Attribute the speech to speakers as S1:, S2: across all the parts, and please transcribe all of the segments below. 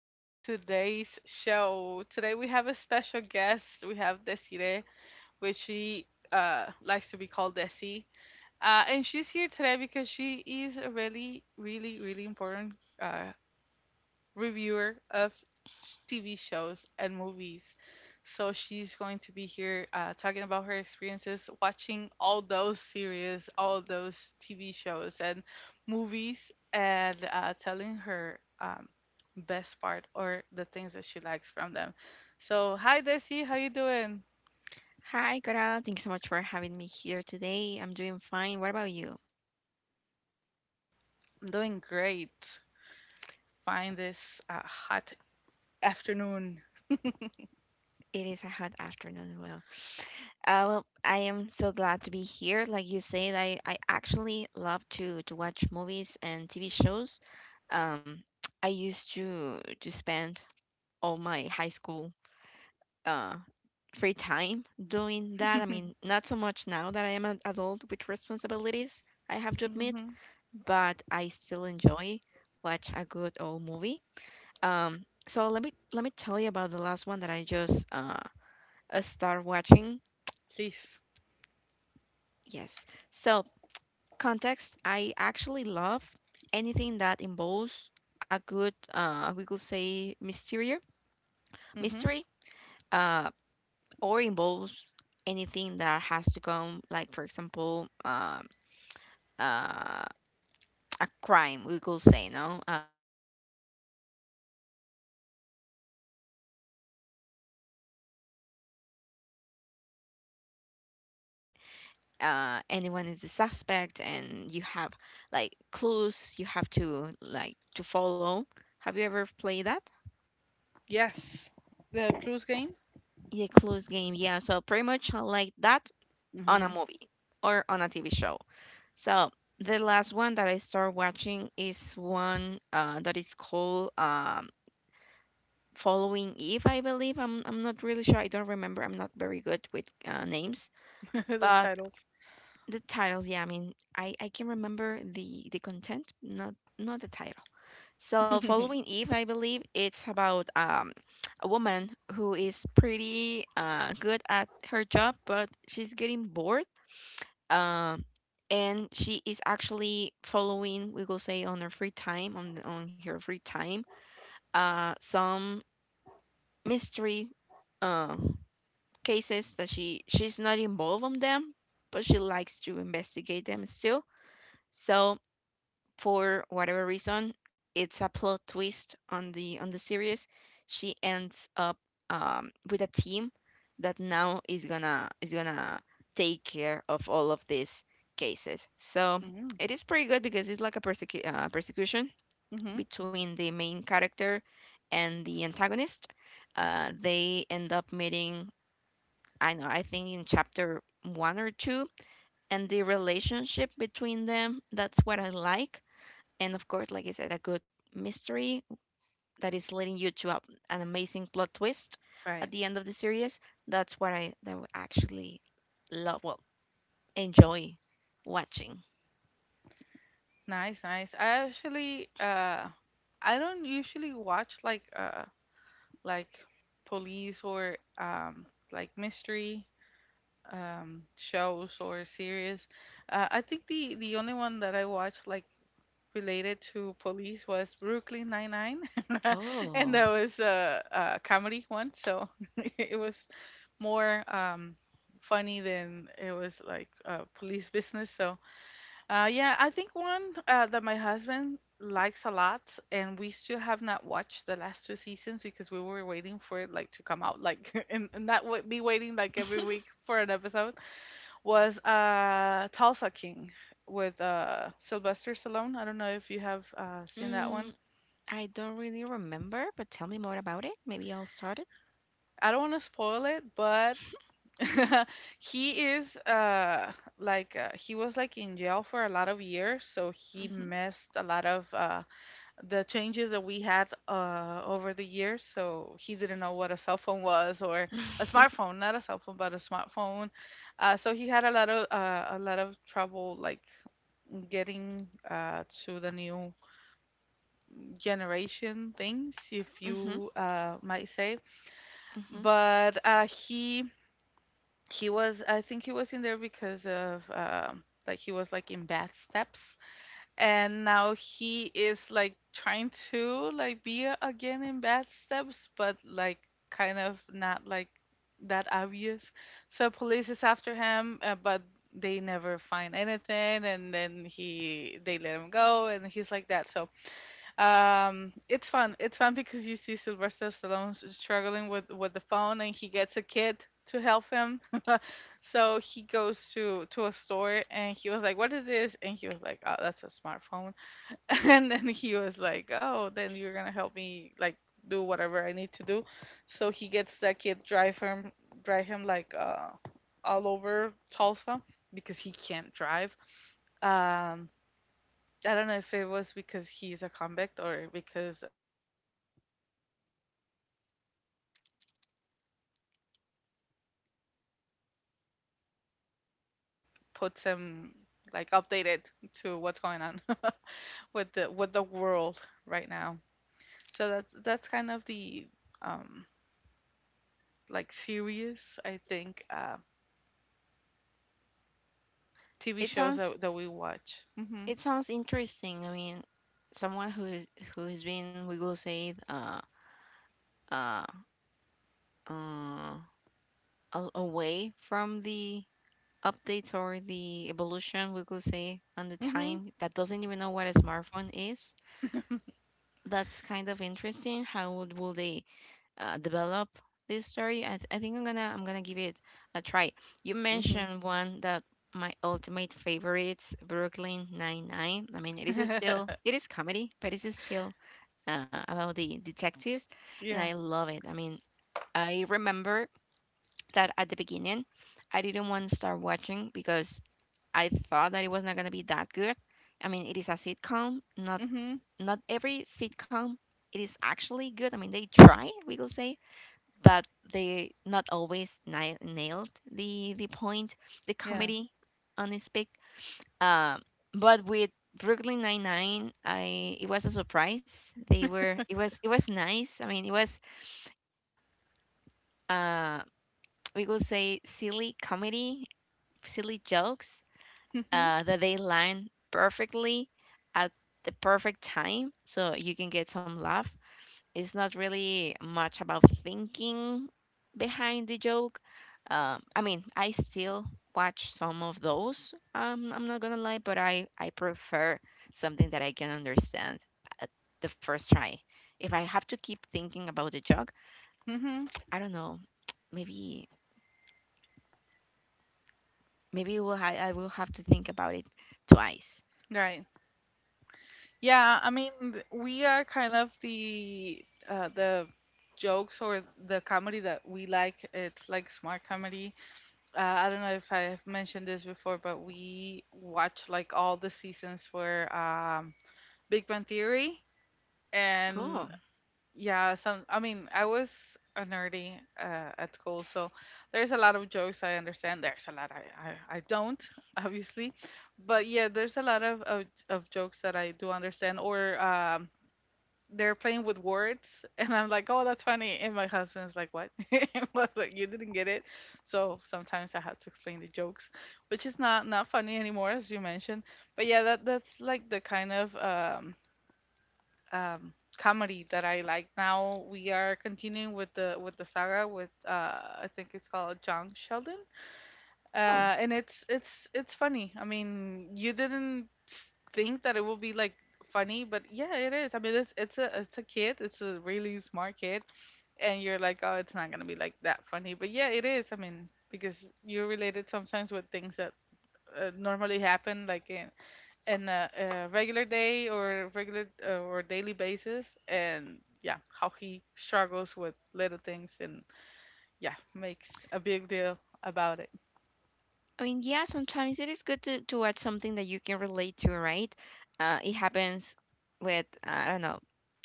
S1: to today's show. Today we have a special guest. We have Desiree, which she likes to be called Desi. And she's here today because she is a really, really, really important uh, reviewer of TV shows and movies. So she's going to be here talking about her experiences watching all those series, all those TV shows and movies, and telling her best part or the things that she likes from them. So hi Desi, how you doing?
S2: Hi, Coral. Thank you so much for having me here today. I'm doing fine. What about you?
S1: I'm doing great. Fine this hot afternoon.
S2: It is a hot afternoon. Well, well, I am so glad to be here. Like you said, I actually love to watch movies and TV shows. Um, I used to spend all my high school uh free time doing that. I mean, not so much now that I am an adult with responsibilities, I have to admit,
S1: hmm
S2: but I still enjoy watch a good old movie. So let me tell you about the last one that I just start watching.
S1: Please.
S2: Yes. So context, I actually love anything that involves a good we could say mystery
S1: Hmm
S2: mystery uh or involves anything that has to come, like for example, uh a crime, we could say. No We have to resolve this, like the game. Have you ever played the game, Clue, where you're the detective and anyone is the suspect and you have like clues you have to like to follow. Have you ever played that?
S1: Yes. The Clues game.
S2: The clues game, yeah. So pretty much like that, on a movie or on a TV show. So the last one that I start watching is one that is called, Following Eve, I believe. I'm not really sure. I don't remember. I'm not very good with names,
S1: the
S2: but
S1: titles.
S2: the titles, yeah. I mean, I can remember the content, not not the title. So, Following Eve, I believe it's about a woman who is pretty good at her job, but she's getting bored. Um and she is actually following, we will say, on her free time, on her free time, some mystery uh, cases that she's not involved on them, but she likes to investigate them still. So for whatever reason, it's a plot twist on the series. She ends up, with a team that now is gonna take care of all of these cases. So
S1: mm-hmm.
S2: it is pretty good because it's like a persecution
S1: hmm
S2: between the main character and the antagonist. They end up meeting. I know. I think in chapter one or two, and the relationship between them, that's what I like. And of course, like I said, a good mystery that is leading you to a, an amazing plot twist at
S1: Right.
S2: the end of the series. That's what I actually love, well, enjoy watching.
S1: Nice, nice. I actually I don't usually watch like police or like mystery shows or series. I think the only one that I watched like related to police was Brooklyn Nine-Nine.
S2: Oh,
S1: And that was a comedy one, so it was more funny than it was like police business, so yeah, I think one that my husband likes a lot, and we still have not watched the last two seasons because we were waiting for it like to come out, like and not be waiting like every week for an episode. Was Tulsa King with Sylvester Stallone. I don't know if you have seen that
S2: mm,
S1: one.
S2: I don't really remember, but tell me more about it. Maybe I'll start it.
S1: I don't want to spoil it, but he is like he was like in jail for a lot of years, so he
S2: Mm-hmm.
S1: missed a lot of the changes that we had over the years. So he didn't know what a cell phone was or a smartphone, not a cell phone, but a smartphone. So he had a lot of trouble like getting to the new generation things, if
S2: Mm-hmm.
S1: you might say.
S2: Mm-hmm.
S1: But uh, he was, I think he was in there because of like he was like in bad steps, and now he is like trying to like be again in bad steps, but like kind of not like that obvious, so police is after him, but they never find anything, and then he, they let him go, and he's like that. So it's fun, it's fun because you see Sylvester Stallone struggling with the phone, and he gets a kid to help him. So he goes to a store and he was like, what is this? And he was like, oh, that's a smartphone. And then he was like, "Oh, then you're gonna help me like do whatever I need to do." So he gets that kid, drive him like all over Tulsa because he can't drive. Um, I don't know if it was because he's a convict or because he doesn't know how to drive or doesn't want to drive. But yeah, he gets him like all around Tulsa and like puts him like updated to what's going on with the world right now. So that's kind of the um like serious I think TV
S2: It
S1: shows
S2: sounds,
S1: that that we watch. Mhm.
S2: it sounds interesting. I mean, someone who is, who has been, we will say, uh uh away from the updates or the evolution, we could say, and the
S1: Mhm.
S2: time, that doesn't even know what a smartphone is. That's kind of interesting. How would, will they develop this story? I think I'm gonna give it a try. You
S1: Mhm.
S2: mentioned one that my ultimate favorites, Brooklyn Nine Nine. I mean, it is still, it is comedy, but it is still about the detectives, and
S1: yeah.
S2: I love it. I mean, I remember that at the beginning, I didn't want to start watching because I thought that it was not going to be that good. I mean, it is a sitcom. Not
S1: Mhm.
S2: not every sitcom, it is actually good. I mean, they try, we could say, but they not always nailed the point, the
S1: Yeah.
S2: comedy on this pick. Um, but with Brooklyn Nine Nine, I it was a surprise. They were, it was, it was nice. I mean, it was uh we could say silly comedy, silly jokes
S1: Mhm.
S2: that they line perfectly at the perfect time, so you can get some laugh. It's not really much about thinking behind the joke. I mean, I still watch some of those. I'm not gonna lie, but I prefer something that I can understand at the first try. If I have to keep thinking about the joke,
S1: Mhm.
S2: I don't know. Maybe, I will have to think about it twice.
S1: Right. Yeah, I mean we are kind of the jokes or the comedy that we like, it's like smart comedy. I don't know if I've mentioned this before, but we watch like all the seasons for Big Bang Theory,
S2: Oh,
S1: and yeah, some. I mean, I was a nerdy at school, so there's a lot of jokes I understand. There's a lot I don't, obviously, but yeah, there's a lot of jokes that I do understand, or they're playing with words, and I'm like, oh, that's funny, and my husband's like, what? I was like, you didn't get it, so sometimes I have to explain the jokes, which is not not funny anymore, as you mentioned. But yeah, that that's like the kind of um, comedy that I like. Now we are continuing with the saga with I think it's called John Sheldon,
S2: oh.
S1: and it's funny. I mean, you didn't think that it will be like funny, but yeah, it is. I mean, it's a kid, it's a really smart kid, and you're like, oh, it's not gonna be like that funny, but yeah, it is. I mean, because you're related sometimes with things that normally happen, like in a regular day, or regular or daily basis, and yeah, how he struggles with little things and yeah, makes a big deal about it.
S2: I mean, yeah, sometimes it is good to watch something that you can relate to, right? It happens with, I don't know,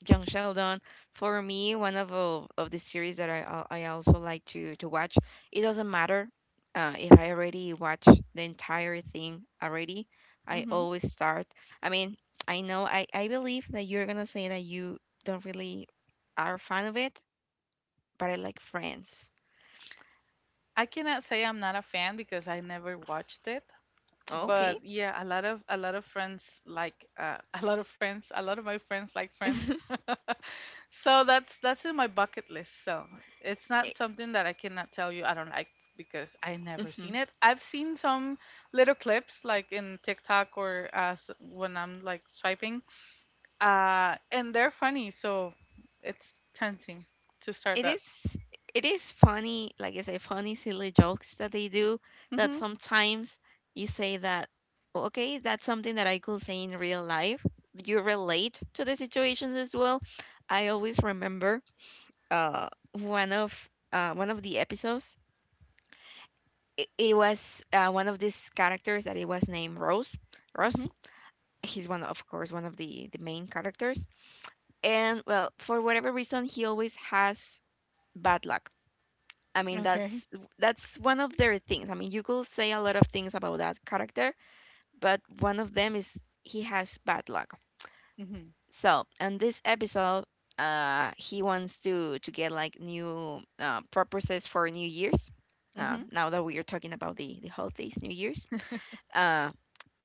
S2: John Sheldon. For me, one of the series that I also like to watch, it doesn't matter if I already watch the entire thing already. I
S1: Hmm
S2: always start. I mean, I know, I believe that you're going to say that you don't really are a fan of it, but I like Friends.
S1: I cannot say I'm not a fan because I never watched it,
S2: Okay.
S1: but yeah, a lot of friends like, a lot of friends, a lot of my friends like Friends. So that's in my bucket list. So it's not something that I cannot tell you I don't like because I never seen
S2: Mhm.
S1: it. I've seen some little clips like in TikTok or when I'm like swiping, and they're funny. So it's tempting to start
S2: It
S1: that.
S2: is, it is funny. Like I say, funny silly jokes that they do, that
S1: Mhm.
S2: sometimes you say that, "Oh, okay, that's something that I could say in real life." You relate to the situations as well. I always remember, one of the episodes. It was one of these characters that it was named Rose, Rose.
S1: Mhm.
S2: He's one, of course, one of the main characters, and well, for whatever reason, he always has bad luck. I mean,
S1: Okay.
S2: that's one of their things. I mean, you could say a lot of things about that character, but one of them is he has bad luck.
S1: Mhm.
S2: So, in this episode, he wants to get like new purposes for New Year's.
S1: Mhm.
S2: Now that we are talking about the holidays, New Year's, uh,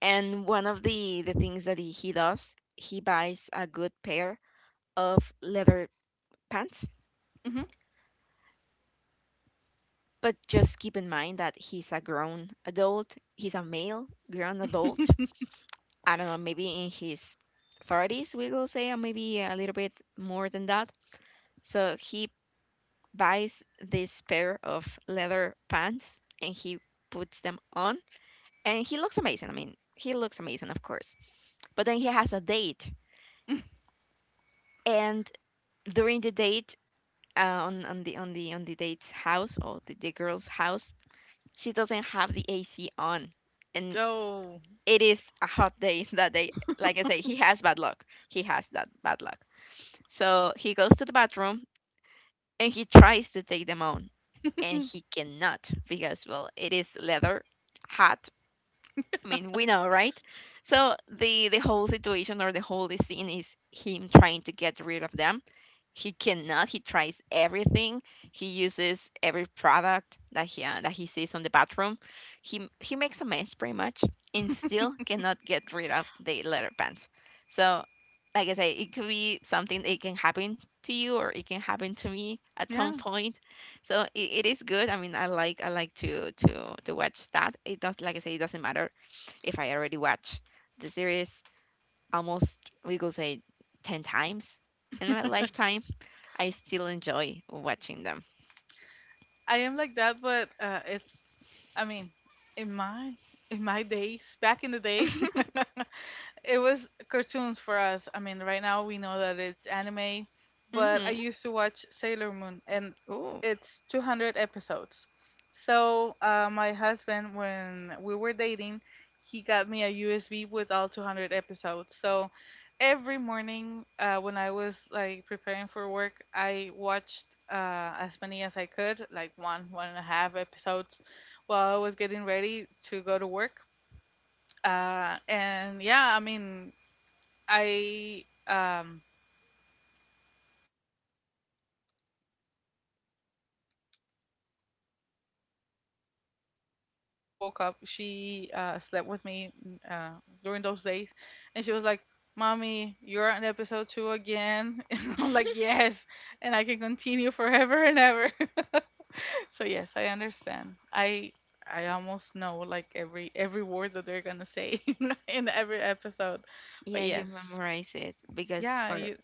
S2: and one of the things that he does, he buys a good pair of leather pants.
S1: Mhm.
S2: But just keep in mind that he's a grown adult. He's a male grown adult. I don't know, maybe in his 30s, we will say, or maybe a little bit more than that. So he buys this pair of leather pants and he puts them on. And he looks amazing. I mean, he looks amazing, of course. But then he has a date. And during the date, on the date's house, or the girl's house, she doesn't have the AC on, and
S1: Oh,
S2: it is a hot day that day. Like I say, he has bad luck. He has that bad luck. So he goes to the bathroom and he tries to take them on, and he cannot because, well, it is leather, hot, I mean, we know, right? So the whole situation, or the whole scene, is him trying to get rid of them. He cannot. He tries everything. He uses every product that he sees on the bathroom. He makes a mess, pretty much, and still cannot get rid of the leather pants. So, like I say, it could be something that can happen to you, or it can happen to me at some
S1: yeah,
S2: point. So it is good. I mean, I like to watch that. It does, like I say, it doesn't matter if I already watch the series almost, we could say, 10 times in my lifetime, I still enjoy watching them.
S1: I am like that, but it's, I mean, in my in my days, back in the day, it was cartoons for us. I mean, right now we know that it's anime, but I
S2: Hmm.
S1: used to watch Sailor Moon, and
S2: Oh.
S1: it's 200 episodes. So my husband, when we were dating, he got me a USB with all 200 episodes. So every morning when I was like preparing for work, I watched as many as I could, like one, one and a half episodes, while I was getting ready to go to work. And yeah, I mean, I finished like all the whole 200, and then again episode 1, and then sometimes my daughter woke up, she slept with me, mm, during those days, and she was like, mommy, you're on episode 2 again. And I'm like, yes, and I can continue forever and ever. So yes, I understand. I almost know like every word that they're gonna say in every episode. But
S2: Yeah, you
S1: yes,
S2: memorize it because
S1: yeah,
S2: for
S1: you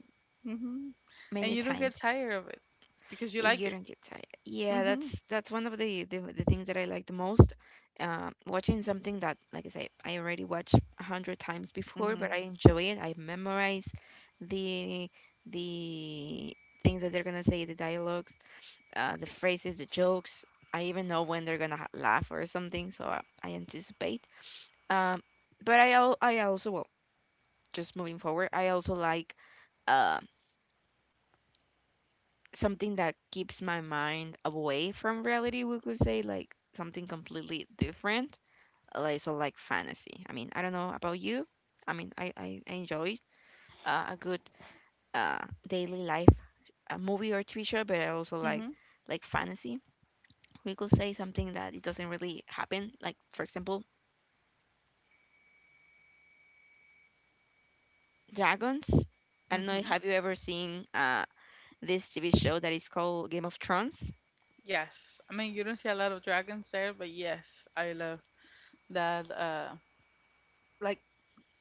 S1: mhm. And
S2: many
S1: you don't get
S2: times.
S1: tired of it because you like
S2: You
S1: it.
S2: don't get tired. Yeah,
S1: Mhm.
S2: that's one of the things that I like the most. Watching something that, like I said, I already watched a hundred times before, but
S1: Mhm.
S2: I enjoy it. I memorize the the things that they're gonna say, the dialogues, the phrases, the jokes. I even know when they're gonna laugh or something, so I anticipate. Um, but I al I also, well, just moving forward, I also like, um something that keeps my mind away from reality, we could say, like something completely different. Like so, like fantasy. I mean, I don't know about you. I mean, I enjoy a good daily life, a movie or TV show, but I also
S1: Mhm.
S2: like fantasy. We could say something that it doesn't really happen. Like for example, dragons. I don't know.
S1: Mhm.
S2: Have you ever seen this TV show that is called Game of Thrones?
S1: Yes. I mean, you don't see a lot of dragons there, but yes, I love that like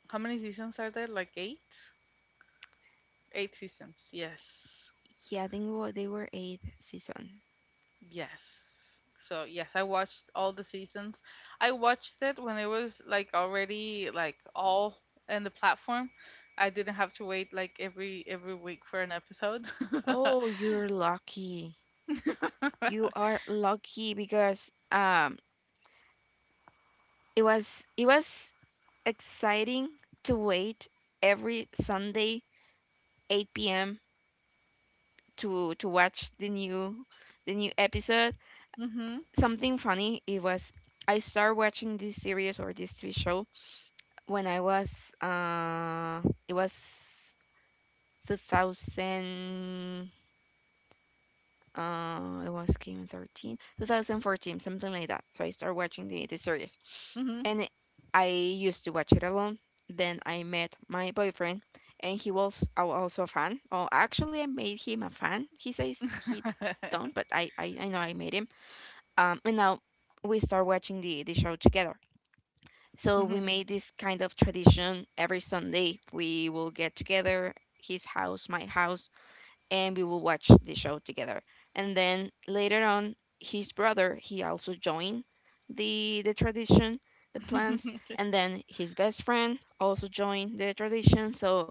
S1: how many seasons are there? Like 8? 8 seasons. Yes.
S2: Yeah, I think it they were eighth season.
S1: Yes. So, yes, I watched all the seasons. I watched it when it was like already like all in the platform. I didn't have to wait like every week for an episode.
S2: Oh, you're lucky. You are lucky because it was, it was exciting to wait every Sunday 8 p.m. To watch the new, the new episode.
S1: mhm.
S2: Something funny, it was, I started watching this series or this TV show when I was it was 2000. It was came in 13, 2014, something like that. So I started watching the series.
S1: Mhm.
S2: And it- I used to watch it alone. Then I met my boyfriend, and he was also a fan. Oh, actually, I made him a fan. He says he don't, but I know I made him. And now we start watching the show together. So we
S1: mhm.
S2: made this kind of tradition every Sunday. We will get together, his house, my house, and we will watch the show together. And then later on, his brother he also joined the tradition, the plans,
S1: Okay.
S2: and then his best friend also joined the tradition. So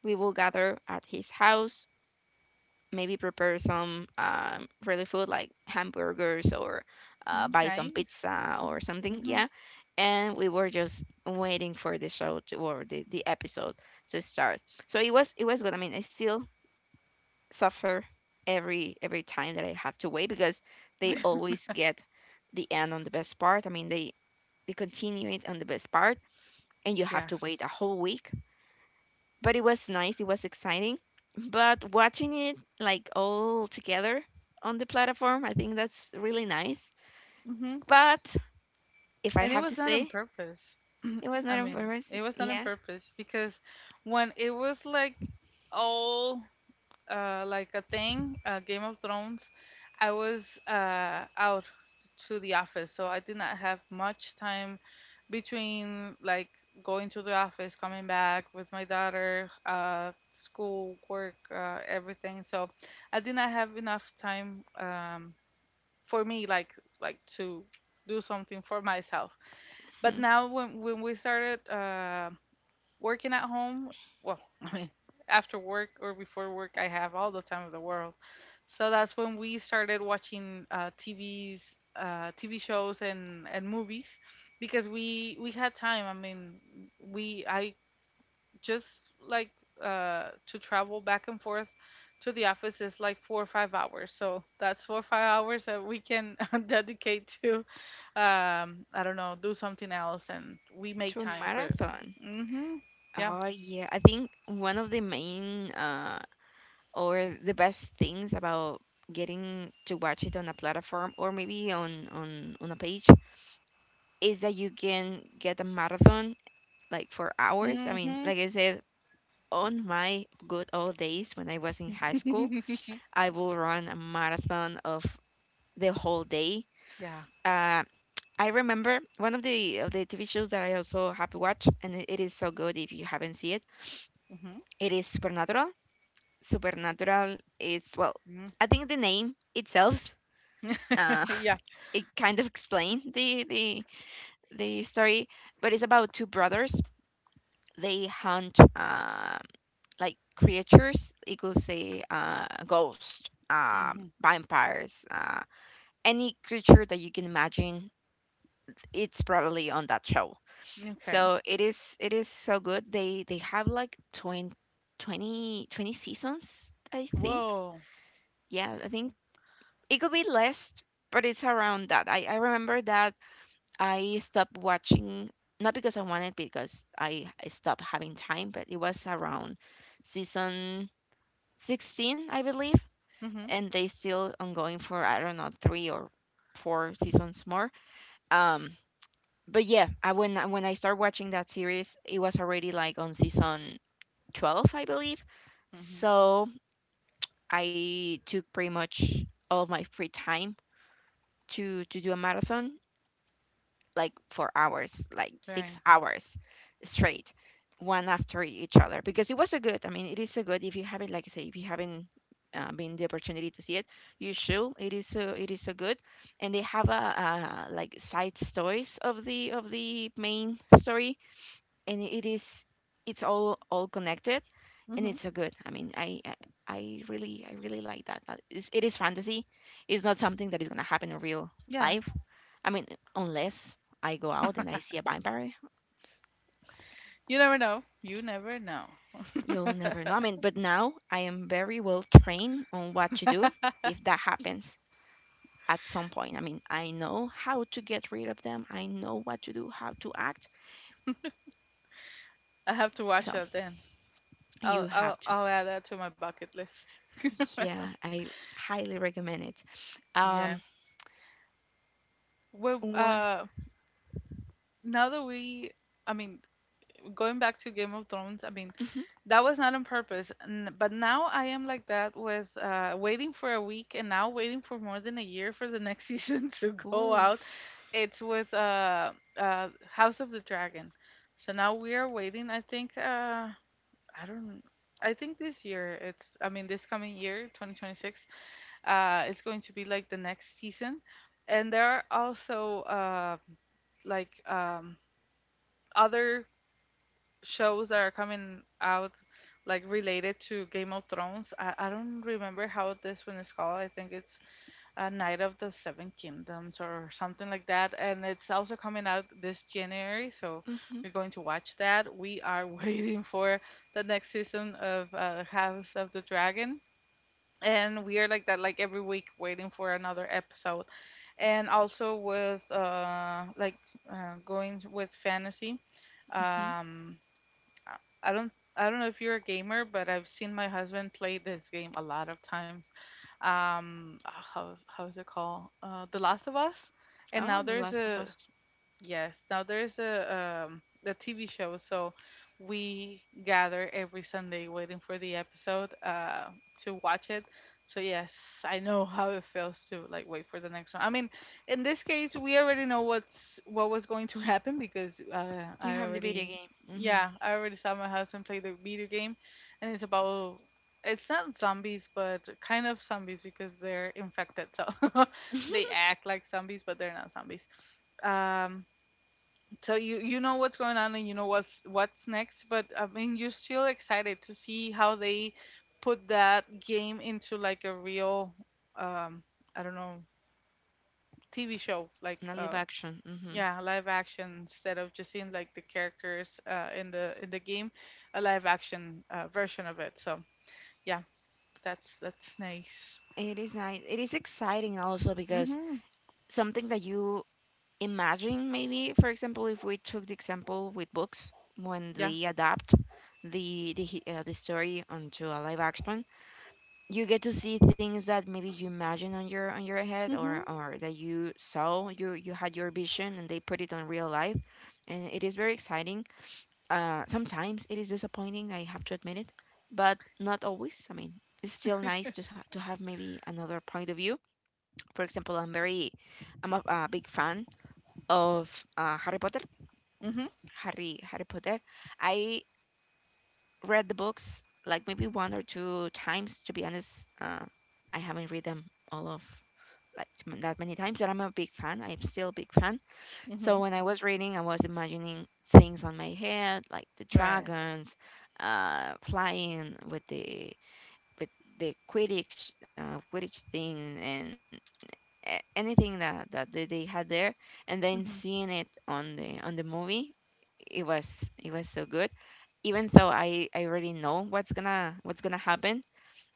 S2: we will gather at his house, maybe prepare some really food like hamburgers or
S1: Mm,
S2: buy some
S1: nice.
S2: pizza or something.
S1: Mhm.
S2: Yeah, and we were just waiting for the show to, or the episode to start. So it was good. I mean, I still suffer every time that I have to wait because they always get the end on the best part. I mean, they continue it on the best part, and you have to wait
S1: Yes.
S2: a whole week. But it was nice. It was exciting. But watching it like all together on the platform, I think that's really nice.
S1: Mhm.
S2: But if I
S1: And it
S2: have to
S1: was not on
S2: say,
S1: purpose.
S2: it was
S1: I
S2: not
S1: mean,
S2: embarrassing.
S1: it was not on
S2: Yeah.
S1: purpose because when it was like all like a thing, Game of Thrones, I was out to the office, so I did not have much time between like going to the office, coming back with my daughter, school, work, everything. So I did not have enough time for me, like to do something for myself. But
S2: Hmm.
S1: now when we started working at home, well, I mean, after work or before work, I have all the time of the world. So that's when we started watching TVs, TV shows, and movies, because we had time. I mean, we I just like to travel back and forth to the office is like 4 or 5 hours. So that's 4 or 5 hours that we can dedicate to, I don't know, do something else, and we make
S2: To a
S1: time for it.
S2: marathon.
S1: Hmm Yeah.
S2: Oh yeah, I think one of the main or the best things about getting to watch it on a platform or maybe on a page is that you can get a marathon like for hours. I mean,
S1: Mhm.
S2: like I said, on my good old days when I was in high school, I will run a marathon of the whole day.
S1: Yeah.
S2: uh I remember one of the TV shows that I also have to watch, and it is so good. If you haven't seen it,
S1: Mhm.
S2: it is Supernatural. Supernatural is, well,
S1: Mhm.
S2: I think the name itself, uh,
S1: Yeah.
S2: it kind of explained the story, but it's about two brothers. They hunt like creatures. You could say ghosts,
S1: Mhm.
S2: vampires, any creature that you can imagine. It's probably on that show.
S1: Okay.
S2: So it is so good. They have like 20 20 20 seasons, I think.
S1: Whoa.
S2: Yeah, I think it could be less, but it's around that. I remember that I stopped watching, not because I wanted, because I stopped having time, but it was around season 16, I believe,
S1: Mhm.
S2: and they still ongoing for I don't know three or four seasons more. Um, but yeah, when I started watching that series, it was already like on season 12, I believe.
S1: Mhm.
S2: So I took pretty much all of my free time to do a marathon like for hours, like six
S1: Right.
S2: hours straight, one after each other, because it was so good. I mean, it is so good. If you haven't, like I say, if you haven't been the opportunity to see it, you should. It is so good, and they have a like side stories of the main story, and it's all connected, and
S1: Mhm.
S2: it's so good. I mean, I really like that. It is fantasy, it's not something that is going to happen in real
S1: Yeah.
S2: life. I mean, unless I go out and I see a vampire,
S1: You never know. You never know.
S2: you'll never know. I mean, but now I am very well trained on what to do if that happens at some point. I mean, I know how to get rid of them. I know what to do, how to act.
S1: I have to watch
S2: So
S1: that then. I'll
S2: you
S1: I'll
S2: have to.
S1: I'll add that to my bucket list.
S2: Yeah, I highly recommend it.
S1: Yeah.
S2: um
S1: Well,
S2: What?
S1: now that we, I mean, going back to Game of Thrones, I mean,
S2: Mhm.
S1: that was not on purpose. But now I am like that with waiting for a week, and now waiting for more than a year for the next season to go out.
S2: Oof.
S1: It's with House of the Dragon. So now we are waiting. I think, I don't, I think this year, it's, I mean, this coming year, 2026, it's going to be like the next season. And there are also like other shows that are coming out like related to Game of Thrones. I don't remember how this one is called. I think it's a Night of the Seven Kingdoms or something like that, and it's also coming out this January, so
S2: Mhm.
S1: we're going to watch that. We are waiting for the next season of House of the Dragon. And we are like that, like every week, waiting for another episode. And also with like going with fantasy.
S2: Mhm.
S1: Um, I I don't know if you're a gamer, but I've seen my husband play this game a lot of times. How is it called? The Last of Us. And
S2: Oh,
S1: now
S2: The
S1: there's
S2: Last of
S1: a
S2: Us.
S1: Yes, now there's a the TV show, so we gather every Sunday waiting for the episode to watch it. So yes, I know how it feels to like wait for the next one. I mean, in this case, we already know what's what was going to happen because
S2: You
S1: I
S2: have the video
S1: already
S2: game. Mhm.
S1: yeah, I already saw my husband play the video game, and it's about it's not zombies but kind of zombies because they're infected, so
S2: And
S1: they act like zombies but they're not zombies. Um, so you know what's going on and you know what's next, but I mean you're still excited to see how they put that game into like a real um, I don't know, TV show like
S2: live
S1: uh,
S2: action. Mhm.
S1: yeah, live action instead of just seeing like the characters uh, in the game, a live action version of it. So yeah, that's nice.
S2: It is nice. It is exciting also because
S1: Mhm.
S2: something that you imagine, maybe, for example, if we took the example with books, when
S1: Yeah.
S2: they adapt the story onto a live action, you get to see things that maybe you imagine on your head, or
S1: Mhm.
S2: or that you saw, you had your vision, and they put it on real life, and it is very exciting. Sometimes it is disappointing, I have to admit it, but not always. I mean, it's still nice to have maybe another point of view. For example, I'm a big fan of Harry Potter.
S1: Mhm.
S2: Harry Potter, I read the books like maybe one or two times, to be honest. I haven't read them all of like that many times, but I'm a big fan. I'm still a big fan. So
S1: Mhm.
S2: when I was reading, I was imagining things on my head, like the
S1: Right.
S2: dragons, flying with the with Quidditch Quidditch thing, and anything that they had there, and then
S1: Mhm.
S2: seeing it on the movie, it was so good. Even though I already know what's gonna happen,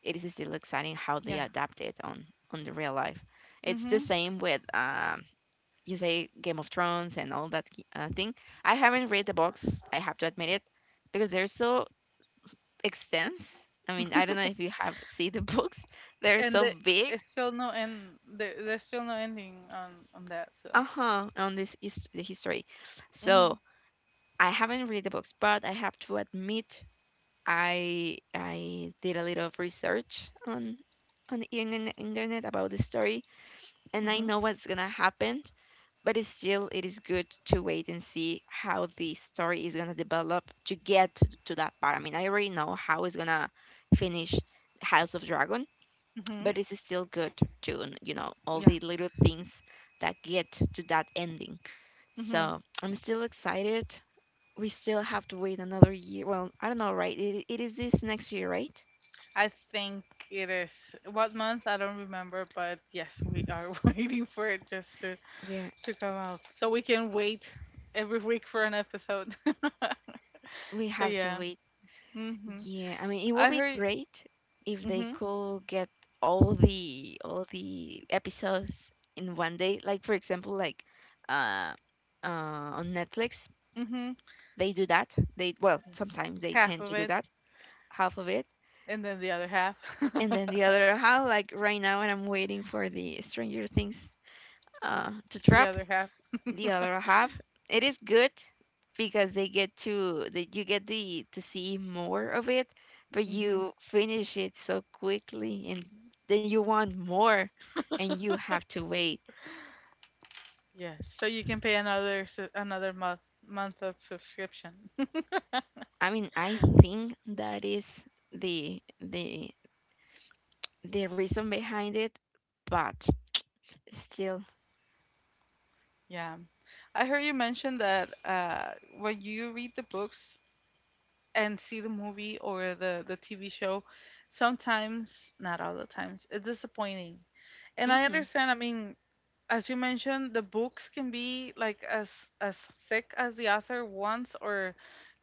S2: it is still exciting how they
S1: Yeah.
S2: adapt it on the real life. It's the
S1: Mhm.
S2: same with you say Game of Thrones, and all that thing. I haven't read the books, I have to admit it, because they're so extensive. I mean, I don't know if you have seen the books. They're
S1: And
S2: so
S1: the,
S2: big.
S1: it's still no end. There's still no ending on that. So.
S2: Uh huh. On this, the history,
S1: Mhm.
S2: so I haven't read the books, but I have to admit I did a little of research on the internet about the story, and I
S1: Mhm.
S2: know what's gonna happen, but it is good to wait and see how the story is gonna develop to get to that part. I mean, I already know how it's gonna finish House of Dragon,
S1: Mhm.
S2: but it's still good to, you know, all
S1: Yeah.
S2: the little things that get to that ending.
S1: Mhm.
S2: So I'm still excited. We still have to wait another year. Well, I don't know, right? It is this next year, right?
S1: I think it is what month I don't remember, but yes, we are waiting for it just to
S2: We're
S1: come out, so we can wait every week for an episode.
S2: we
S1: So
S2: have to
S1: yeah.
S2: wait.
S1: Mhm.
S2: Yeah, I mean, it would
S1: I
S2: be
S1: heard.
S2: great if they
S1: Mhm.
S2: could get all the episodes in one day. Like for example, like uh, on Netflix,
S1: Mhm.
S2: they do that. They well, sometimes they
S1: Half
S2: tend
S1: of
S2: to do
S1: it,
S2: that, half of it,
S1: and then the other half.
S2: and then the other half. Like right now, and I'm waiting for the Stranger Things to
S1: The
S2: drop
S1: other half.
S2: the other half. It is good because they get to that. You get the to see more of it, but
S1: Mhm.
S2: you finish it so quickly, and then you want more, and you have to wait.
S1: Yes, so you can pay another month of subscription.
S2: I mean, I think that is the the the reason behind it, but still.
S1: Yeah. I heard you mention that when you read the books and see the movie or the TV show, sometimes, not all the times, it's disappointing. And I
S2: Hmm.
S1: understand, I mean, as you mentioned, the books can be like as thick as the author wants or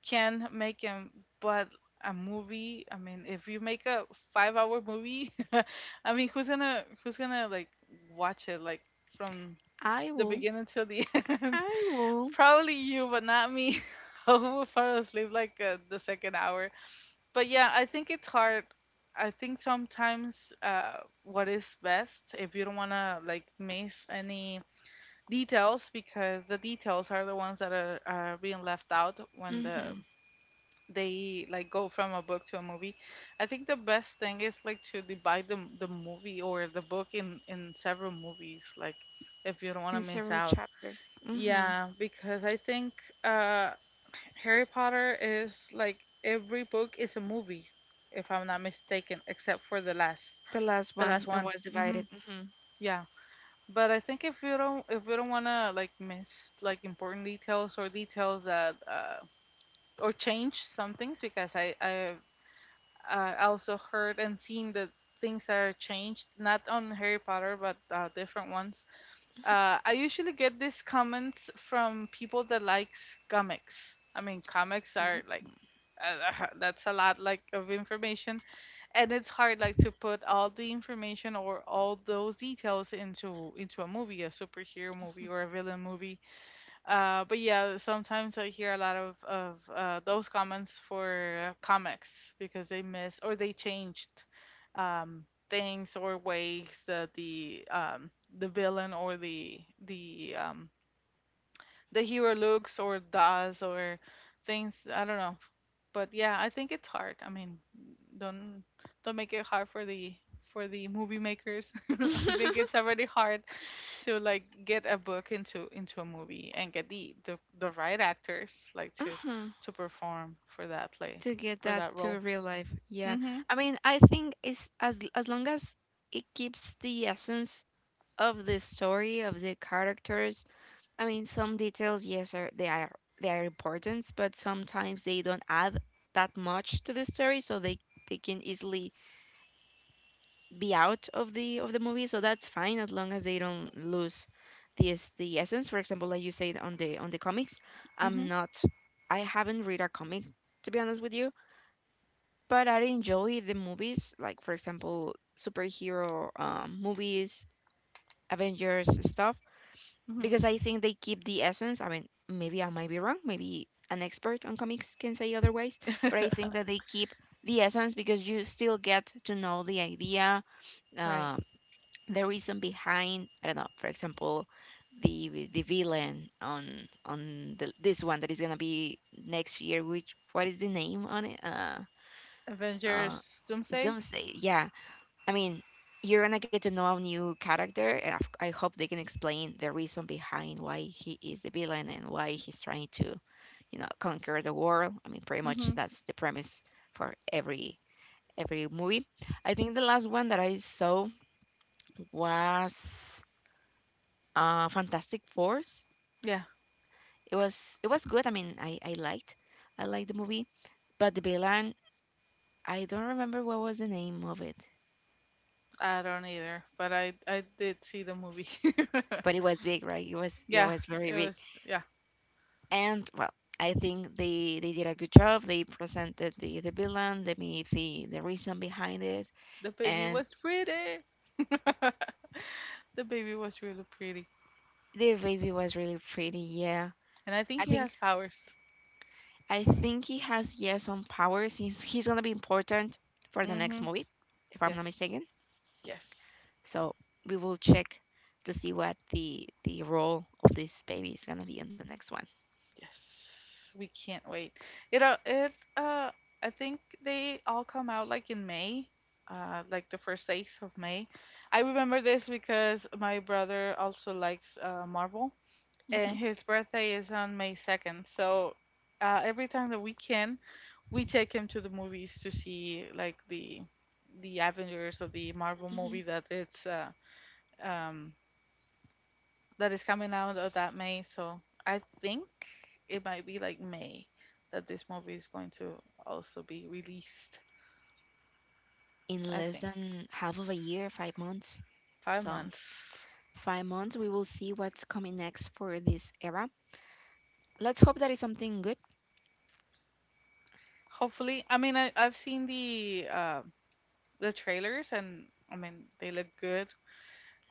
S1: can make them, but a movie, I mean, if you make a 5 hour movie, I mean, who's gonna like watch it like from
S2: I
S1: the
S2: will.
S1: beginning till the end?
S2: I will.
S1: Probably you, but not me. I will fall asleep like the second hour. But yeah, I think it's hard. I think sometimes what is best if you don't wanna like miss any details because the details are the ones that are being left out when the
S2: Hmm.
S1: they like go from a book to a movie. I think the best thing is like to divide the movie or the book in several movies like if you don't want to
S2: In
S1: miss
S2: several
S1: out.
S2: chapters. Hmm.
S1: Yeah, because I think uh, Harry Potter is like every book is a movie if I'm not mistaken except for
S2: The last
S1: the last
S2: one that
S1: one.
S2: was
S1: Mhm.
S2: divided. Hmm.
S1: Yeah. But I think if you don't wanna like miss like important details or details that or change some things, because I also heard and seen that things are changed not on Harry Potter but different ones. I usually get these comments from people that likes comics. I mean comics are like that's a lot like of information, and it's hard like to put all the information or all those details into a movie, a superhero movie or a villain movie. Uh, but yeah, sometimes I hear a lot of those comments for comics because they miss or they changed, um things or ways that the villain or the the um the hero looks or does or things, I don't know. But yeah, I think it's hard, I mean, don't don't make it hard for the movie makers. I think
S2: Hmm.
S1: it's already hard to like get a book into a movie and get the right actors like to
S2: Uh-huh.
S1: perform for that play,
S2: To get
S1: for
S2: that
S1: that role.
S2: to real life. Yeah.
S1: Mhm.
S2: I mean, I think it's as long as it keeps the essence of the story, of the characters. I mean, some details, yes, are they are they are important, but sometimes they don't add that much to the story, so they can easily be out of the movie. So that's fine as long as they don't lose the essence. For example, like you said on the comics, I'm
S1: Mhm.
S2: not I haven't read a comic to be honest with you, but I enjoy the movies, like for example, superhero movies, Avengers stuff,
S1: Mhm.
S2: because I think they keep the essence. I mean, maybe I might be wrong. Maybe an expert on comics can say otherwise, but I think that they keep the essence because you still get to know the idea,
S1: Right.
S2: uh, the reason behind. I don't know. For example, the villain on this one that is gonna be next year. Which what is the name on it? Uh,
S1: Avengers Doomsday.
S2: Doomsday. Yeah, I mean, you're gonna get to know a new character, and I hope they can explain the reason behind why he is the villain and why he's trying to, you know, conquer the world. I mean, pretty much
S1: Mhm.
S2: that's the premise for every movie. I think the last one that I saw was Fantastic Force.
S1: Yeah.
S2: It was good. I mean, I liked the movie, but the villain, I don't remember what was the name of it,
S1: I don't either, but I did see the movie.
S2: but it was big, right? It was it
S1: Yeah,
S2: was very
S1: it
S2: big.
S1: was. Yeah,
S2: And well, I think they did a good job. They presented the villain. They made the reason behind it,
S1: the baby
S2: and
S1: was pretty. The baby was really pretty,
S2: the baby was really pretty, yeah.
S1: and I
S2: i
S1: think he
S2: think
S1: has powers.
S2: i think he has, yeah, some power since he's gonna be important for the next
S1: Mm-hmm.
S2: movie, if I'm
S1: Yes.
S2: not mistaken.
S1: Yes.
S2: So we will check to see what the role of this baby is gonna be in the next one.
S1: Yes, we can't wait. It. It. I think they all come out like in May. Like the first days of May. I remember this because my brother also likes Marvel,
S2: Hmm.
S1: and his birthday is on May 2nd. So every time that we can, we take him to the movies to see like the Avengers or the Marvel
S2: Hmm.
S1: movie that it's um, that is coming out of that May. So I think it might be like May that this movie is going to also be released.
S2: In
S1: I
S2: less
S1: think
S2: than half of a year, 5 months.
S1: five
S2: So
S1: months.
S2: 5 months, we will see what's coming next for this era. Let's hope that is something good.
S1: Hopefully, I mean I've seen the trailers, and I mean they look good.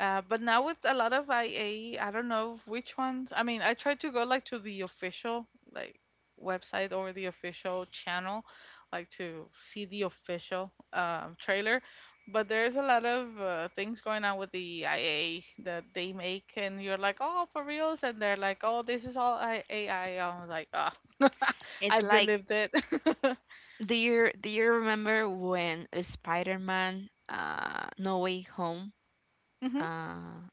S1: But now with a lot of IA, I don't know which ones. I mean, I try to go like to the official like website or the official channel, like to see the official trailer. But there's a lot of things going on with the IA that they make, and you're like, oh, for reals, and they're like, oh, this is all I- AI. I'm like, oh,
S2: It's
S1: I
S2: like,
S1: believed it.
S2: do you remember when Spider-Man, No Way Home,
S1: Hmm.
S2: uh,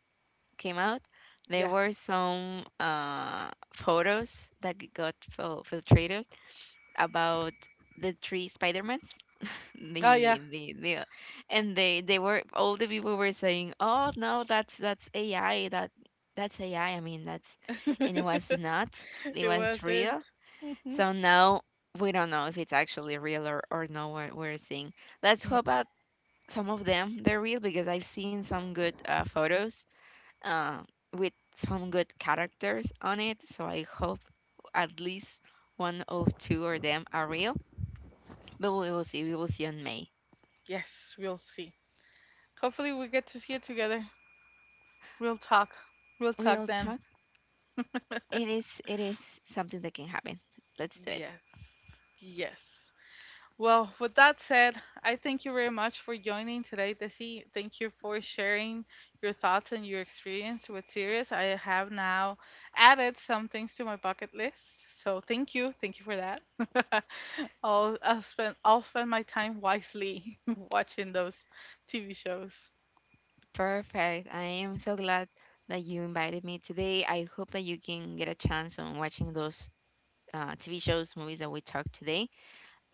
S2: came out? There
S1: Yeah.
S2: were some photos that got filtrated about the three Spider-Mans.
S1: Oh yeah.
S2: The And they were all the people were saying, oh no, that's AI. That's AI. I mean, that's— And it was not. It
S1: It
S2: was real.
S1: wasn't. Mhm.
S2: So now we don't know if it's actually real, or no, we're seeing. Let's
S1: Yeah.
S2: hope that some of them, they're real, because I've seen some good photos uh with some good characters on it. So I hope at least one of two of them are real. But we will see. We will see on May.
S1: Yes, we'll see. Hopefully, we get to see it together. Real talk. Real talk
S2: Real
S1: then.
S2: talk. It is something that can happen. Let's do it.
S1: Yes. Yes. Well, with that said, I thank you very much for joining today, Desi. Thank you for sharing your thoughts and your experience with Sirius. I have now added some things to my bucket list. So thank you. Thank you for that. I'll spend my time wisely watching those TV shows.
S2: Perfect. I am so glad that you invited me today. I hope that you can get a chance on watching those TV shows, movies that we talked today,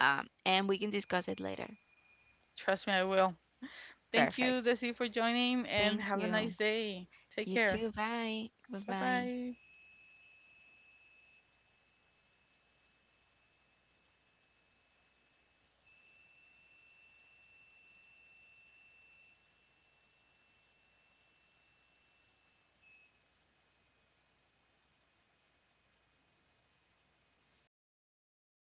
S2: and we can discuss it later.
S1: Trust me, I will. Thank you,
S2: Perfect.
S1: Desi, for joining and
S2: Thank
S1: have a
S2: you.
S1: nice day. Take
S2: You
S1: care.
S2: too. Bye. Bye
S1: Bye
S2: bye.
S1: bye.